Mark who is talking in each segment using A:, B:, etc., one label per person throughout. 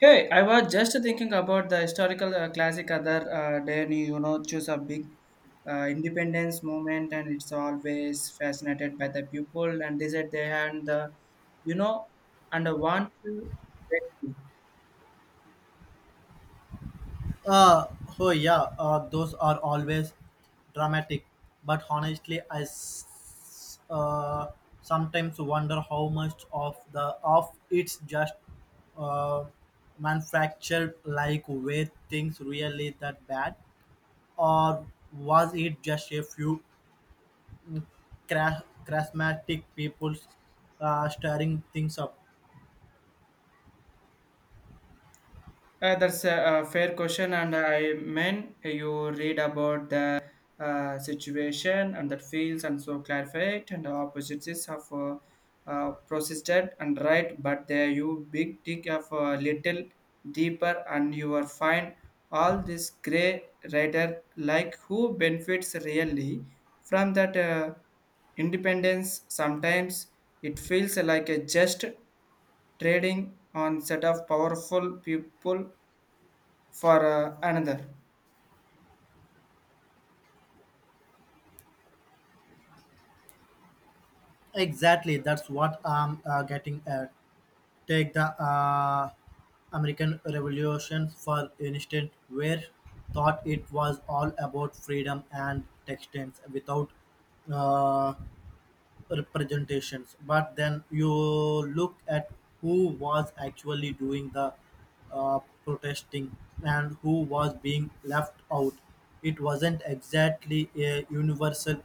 A: Hey, I was just thinking about the historical classic other day, and choose a big independence moment, and it's always fascinated by the people and they said they had the, you know, and want to.
B: Uh, oh yeah, those are always dramatic. But honestly, I sometimes wonder how much of the of it's just uh, manufactured. Like, were things really that bad, or was it just a few crash charismatic people stirring things up?
A: That's a fair question, and I mean you read about the situation and that feels and so clarify it and the opposites of persistent and right, but there you big dig of a little deeper and you will find all this gray rider like who benefits really from that independence. Sometimes it feels like a just trading on set of powerful people for another,
B: Exactly, that's what I'm getting at. Take the American Revolution, for instance, where thought it was all about freedom and textiles without uh, representations. But then you look at who was actually doing the protesting and who was being left out. It wasn't exactly a universal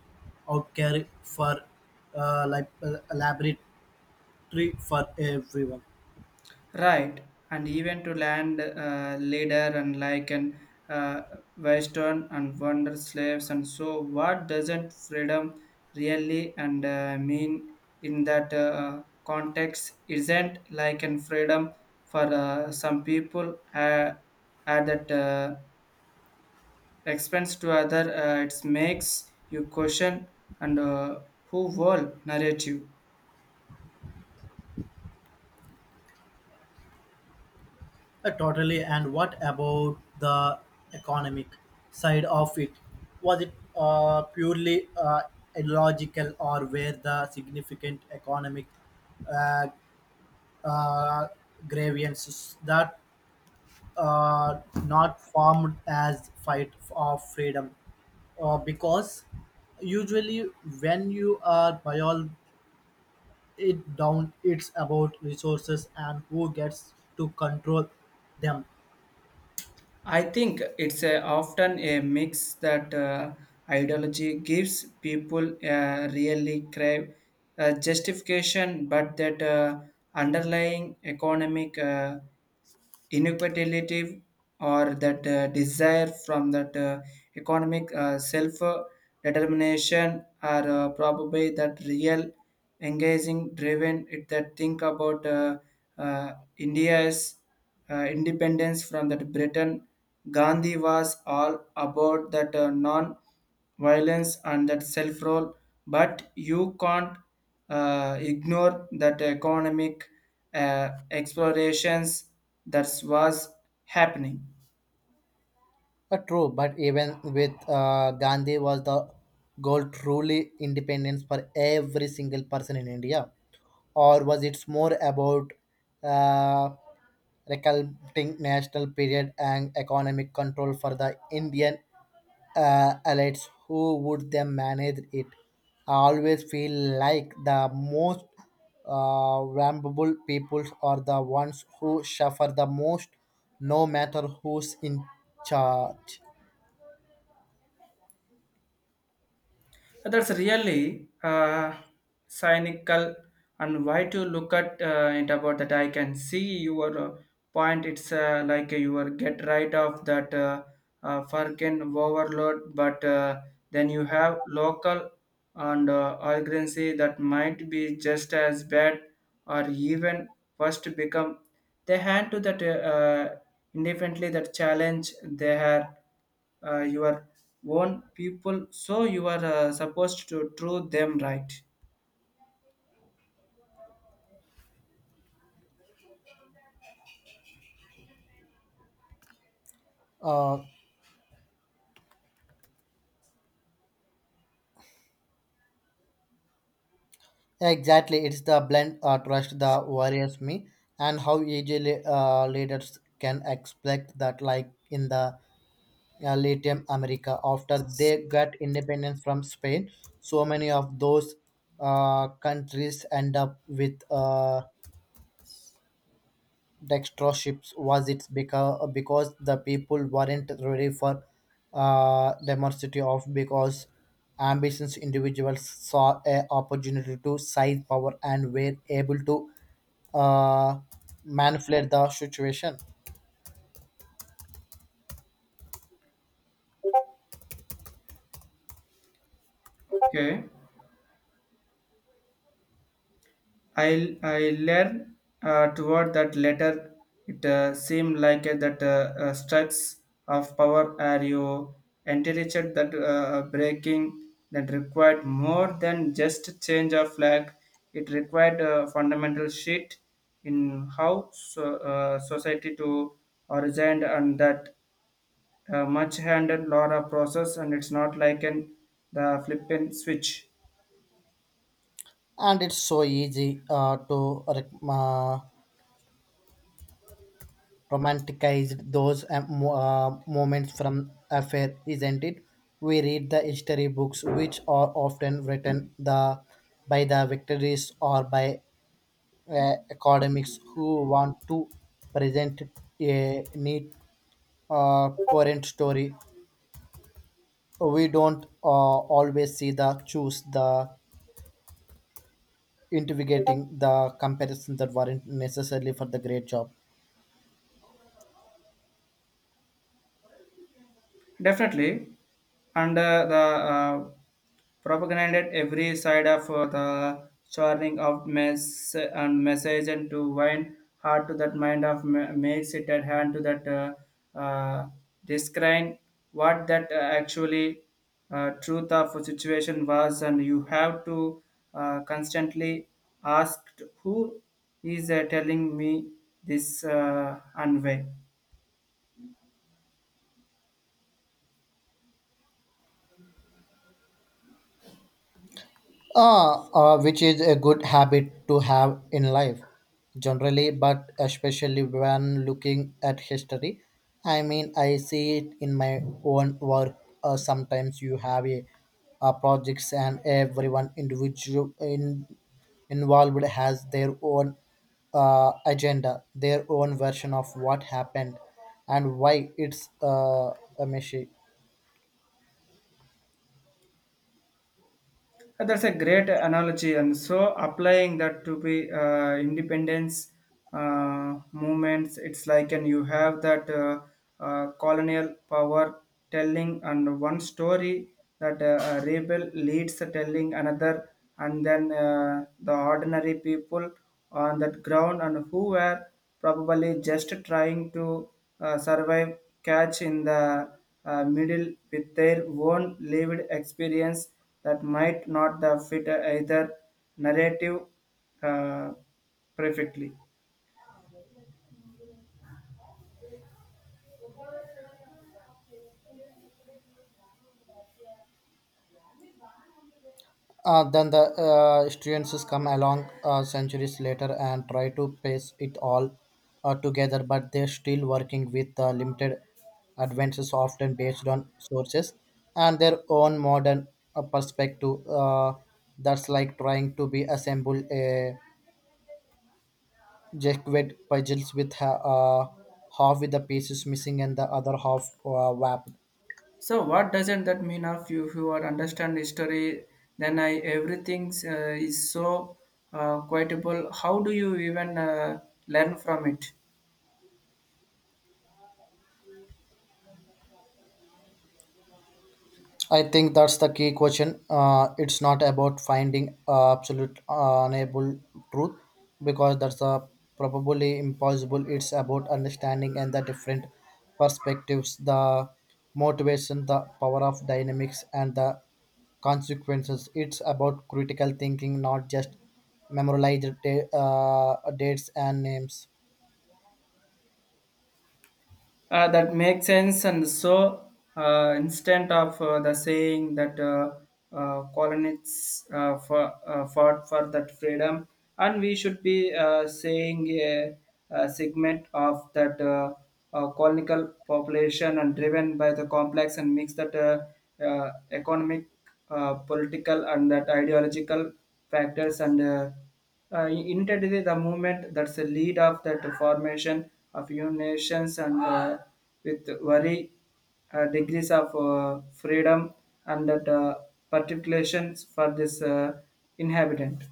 B: outcry for laboratory for everyone.
A: right, and even to land leader and like an uh, western and wonder slaves, and so what doesn't freedom really and mean in that context? Isn't like an freedom for some people at that expense to other it makes you question and who whole narrative.
B: Totally. And what about the economic side of it? Was it purely illogical, or were the significant economic uh, uh, grievances that not formed as fight of freedom? Because usually when you are boil it down, it's about resources and who gets to control them.
A: I think it's often a mix that ideology gives people really crave justification, but that underlying economic inequality or that desire from that economic self determination are probably that real engaging driven it. That think about india's independence from that Britain, Gandhi was all about that non-violence and that self-rule. But you can't ignore that economic explorations that was happening.
B: True, but even with Gandhi was the goal truly independence for every single person in India, or was it more about uh, recalculating national period and economic control for the Indian elites who would them manage it. I always feel like the most vulnerable peoples are the ones who suffer the most no matter who's in charge.
A: That's really cynical, and why to look at it about that. I can see your point. It's like you are get right of that Farkin overload, but then you have local and urgency that might be just as bad or even worse to become. They hand to that independently that challenge they had your own people, so you are supposed to do them right.
B: uh, exactly, it's the blend trust that worries me and how easily leaders can expect that, like in the Latin America after they got independence from Spain. So many of those countries end up with dictatorships. Was it because the people weren't ready for democracy of because ambitious individuals saw a opportunity to seize power and were able to uh, manipulate the situation.
A: Okay. i I learn toward that letter. It seemed like that struts of power are you intelligent that breaking that required more than just change of flag. It required a fundamental shift in how so, society to origin and that much handed Laura process, and it's not like an the flip and switch.
B: And it's so easy to romanticized those moments from affair, isn't it? We read the history books, which are often written the by the victories or by academics who want to present a neat current story. We don't always see the choose the investigating the comparison that weren't necessarily for the great job.
A: Definitely, and the propagated every side of the churning of mess and message and to wind hard to that mind of makes it at hand to that describe what that actually truth of a situation was, and you have to constantly ask who is telling me this unway.
B: Which is a good habit to have in life generally, but especially when looking at history. I mean, I see it in my own work. Sometimes you have projects, and everyone involved has their own agenda, their own version of what happened and why it's a messy.
A: That's a great analogy, and so applying that to be independence movements, it's like and you have that colonial power telling and one story, that a rebel leads the telling another, and then the ordinary people on that ground and who were probably just trying to survive catch in the middle with their own lived experience that might not the fit either narrative uh, perfectly.
B: Then the students come along centuries later and try to pace it all together, but they're still working with limited advances, often based on sources and their own modern perspective. That's like trying to be assemble a Jacquard puzzles with half with the pieces missing and the other half wrapped.
A: So what doesn't that mean of you who are understand history, then I everything is so quotable? How do you even learn from it?
B: I think that's the key question. It's not about finding absolute unable truth because that's probably impossible. It's about understanding and the different perspectives, the motivation, the power of dynamics, and the consequences. It's about critical thinking, not just memorized dates and names.
A: That makes sense, and so instead of the saying that colonists fought for that freedom, and we should be saying a segment of that colonial population and driven by the complex and mix that economic, political, and that ideological factors and internally, the movement that's the lead of that formation of new nations and with very degrees of freedom and that particulations for this inhabitant.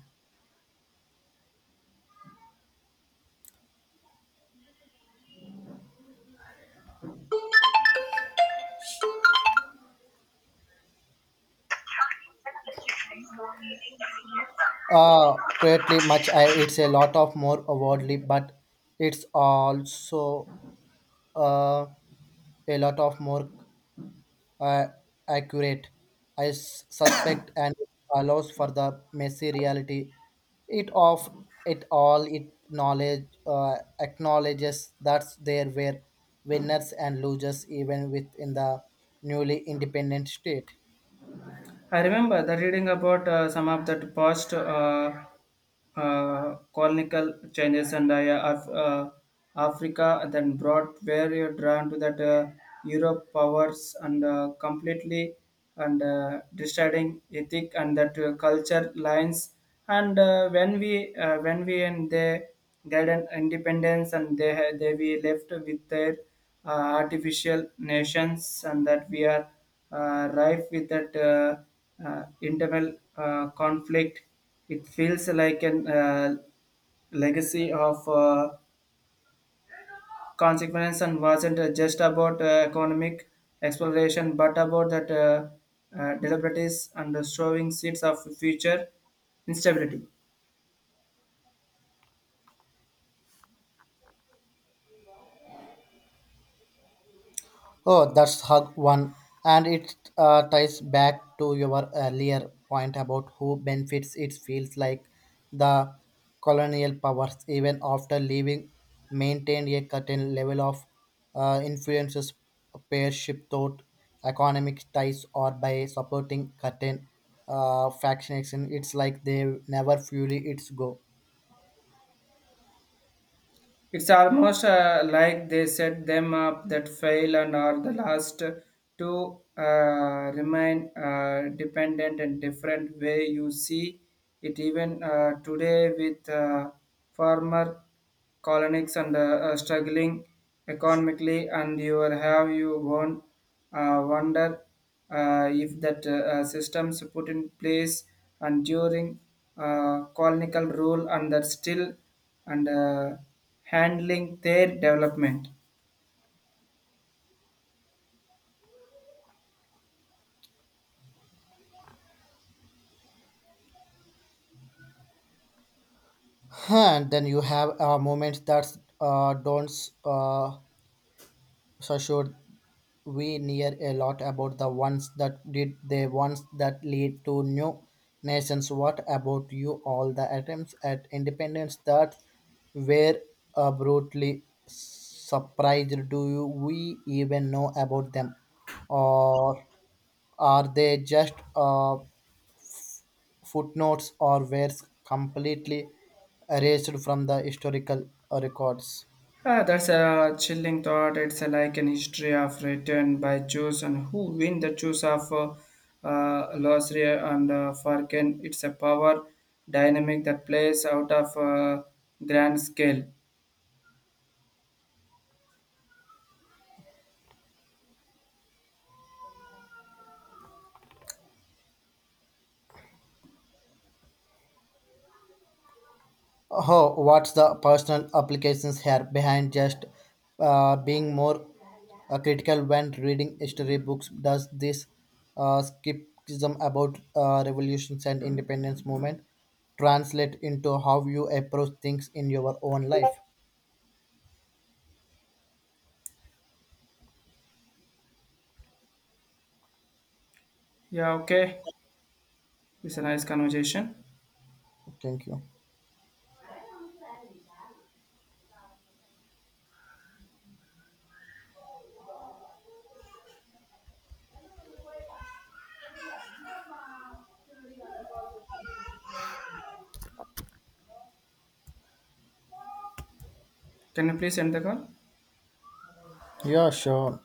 B: Greatly much. I, it's a lot of more worldly, but it's also uh, a lot of more uh, accurate, I suspect, and allows for the messy reality. It of it all, it knowledge acknowledges that there were winners and losers even within the newly independent state.
A: I remember the reading about some of that past colonial changes and, yeah, Africa, then brought where you're drawn to that Europe powers and completely and deciding ethic and that culture lines. And when we and they get an independence, and they we left with their uh, artificial nations and that we are rife with that internal conflict. It feels like an legacy of consequence and wasn't just about economic exploration, but about that deliberates and the showing seeds of future instability.
B: Oh, that's hug one, and it ties back to your earlier point about who benefits. It feels like the colonial powers, even after leaving, maintained a certain level of influences, pairship thought, economic ties, or by supporting certain factions. It's like they never fully its go.
A: It's almost like they set them up that fail and are the last to remain dependent in different way. You see it even today with farmer colonies and struggling economically, and you will have you won't wonder if that systems put in place and during colonial rule and that still and. Handling their development.
B: Huh. And then you have moments that don't. Uh, So sure, we hear a lot about the ones that did the ones that lead to new nations. What about you? All the attempts at independence that were brutally surprised. Do you, we even know about them, or are they just f- footnotes or were completely erased from the historical records?
A: Ah, that's a chilling thought. It's a, like an history of return by choose and who win the choose of Losria and Farken. It's a power dynamic that plays out of grand scale.
B: Oh, what's the personal applications here behind just being more critical when reading history books? Does this skepticism about revolutions and independence movement translate into how you approach things in your own life?
A: Yeah, okay. It's a nice conversation.
B: Thank you.
A: Can you please end the call?
B: Yeah, sure.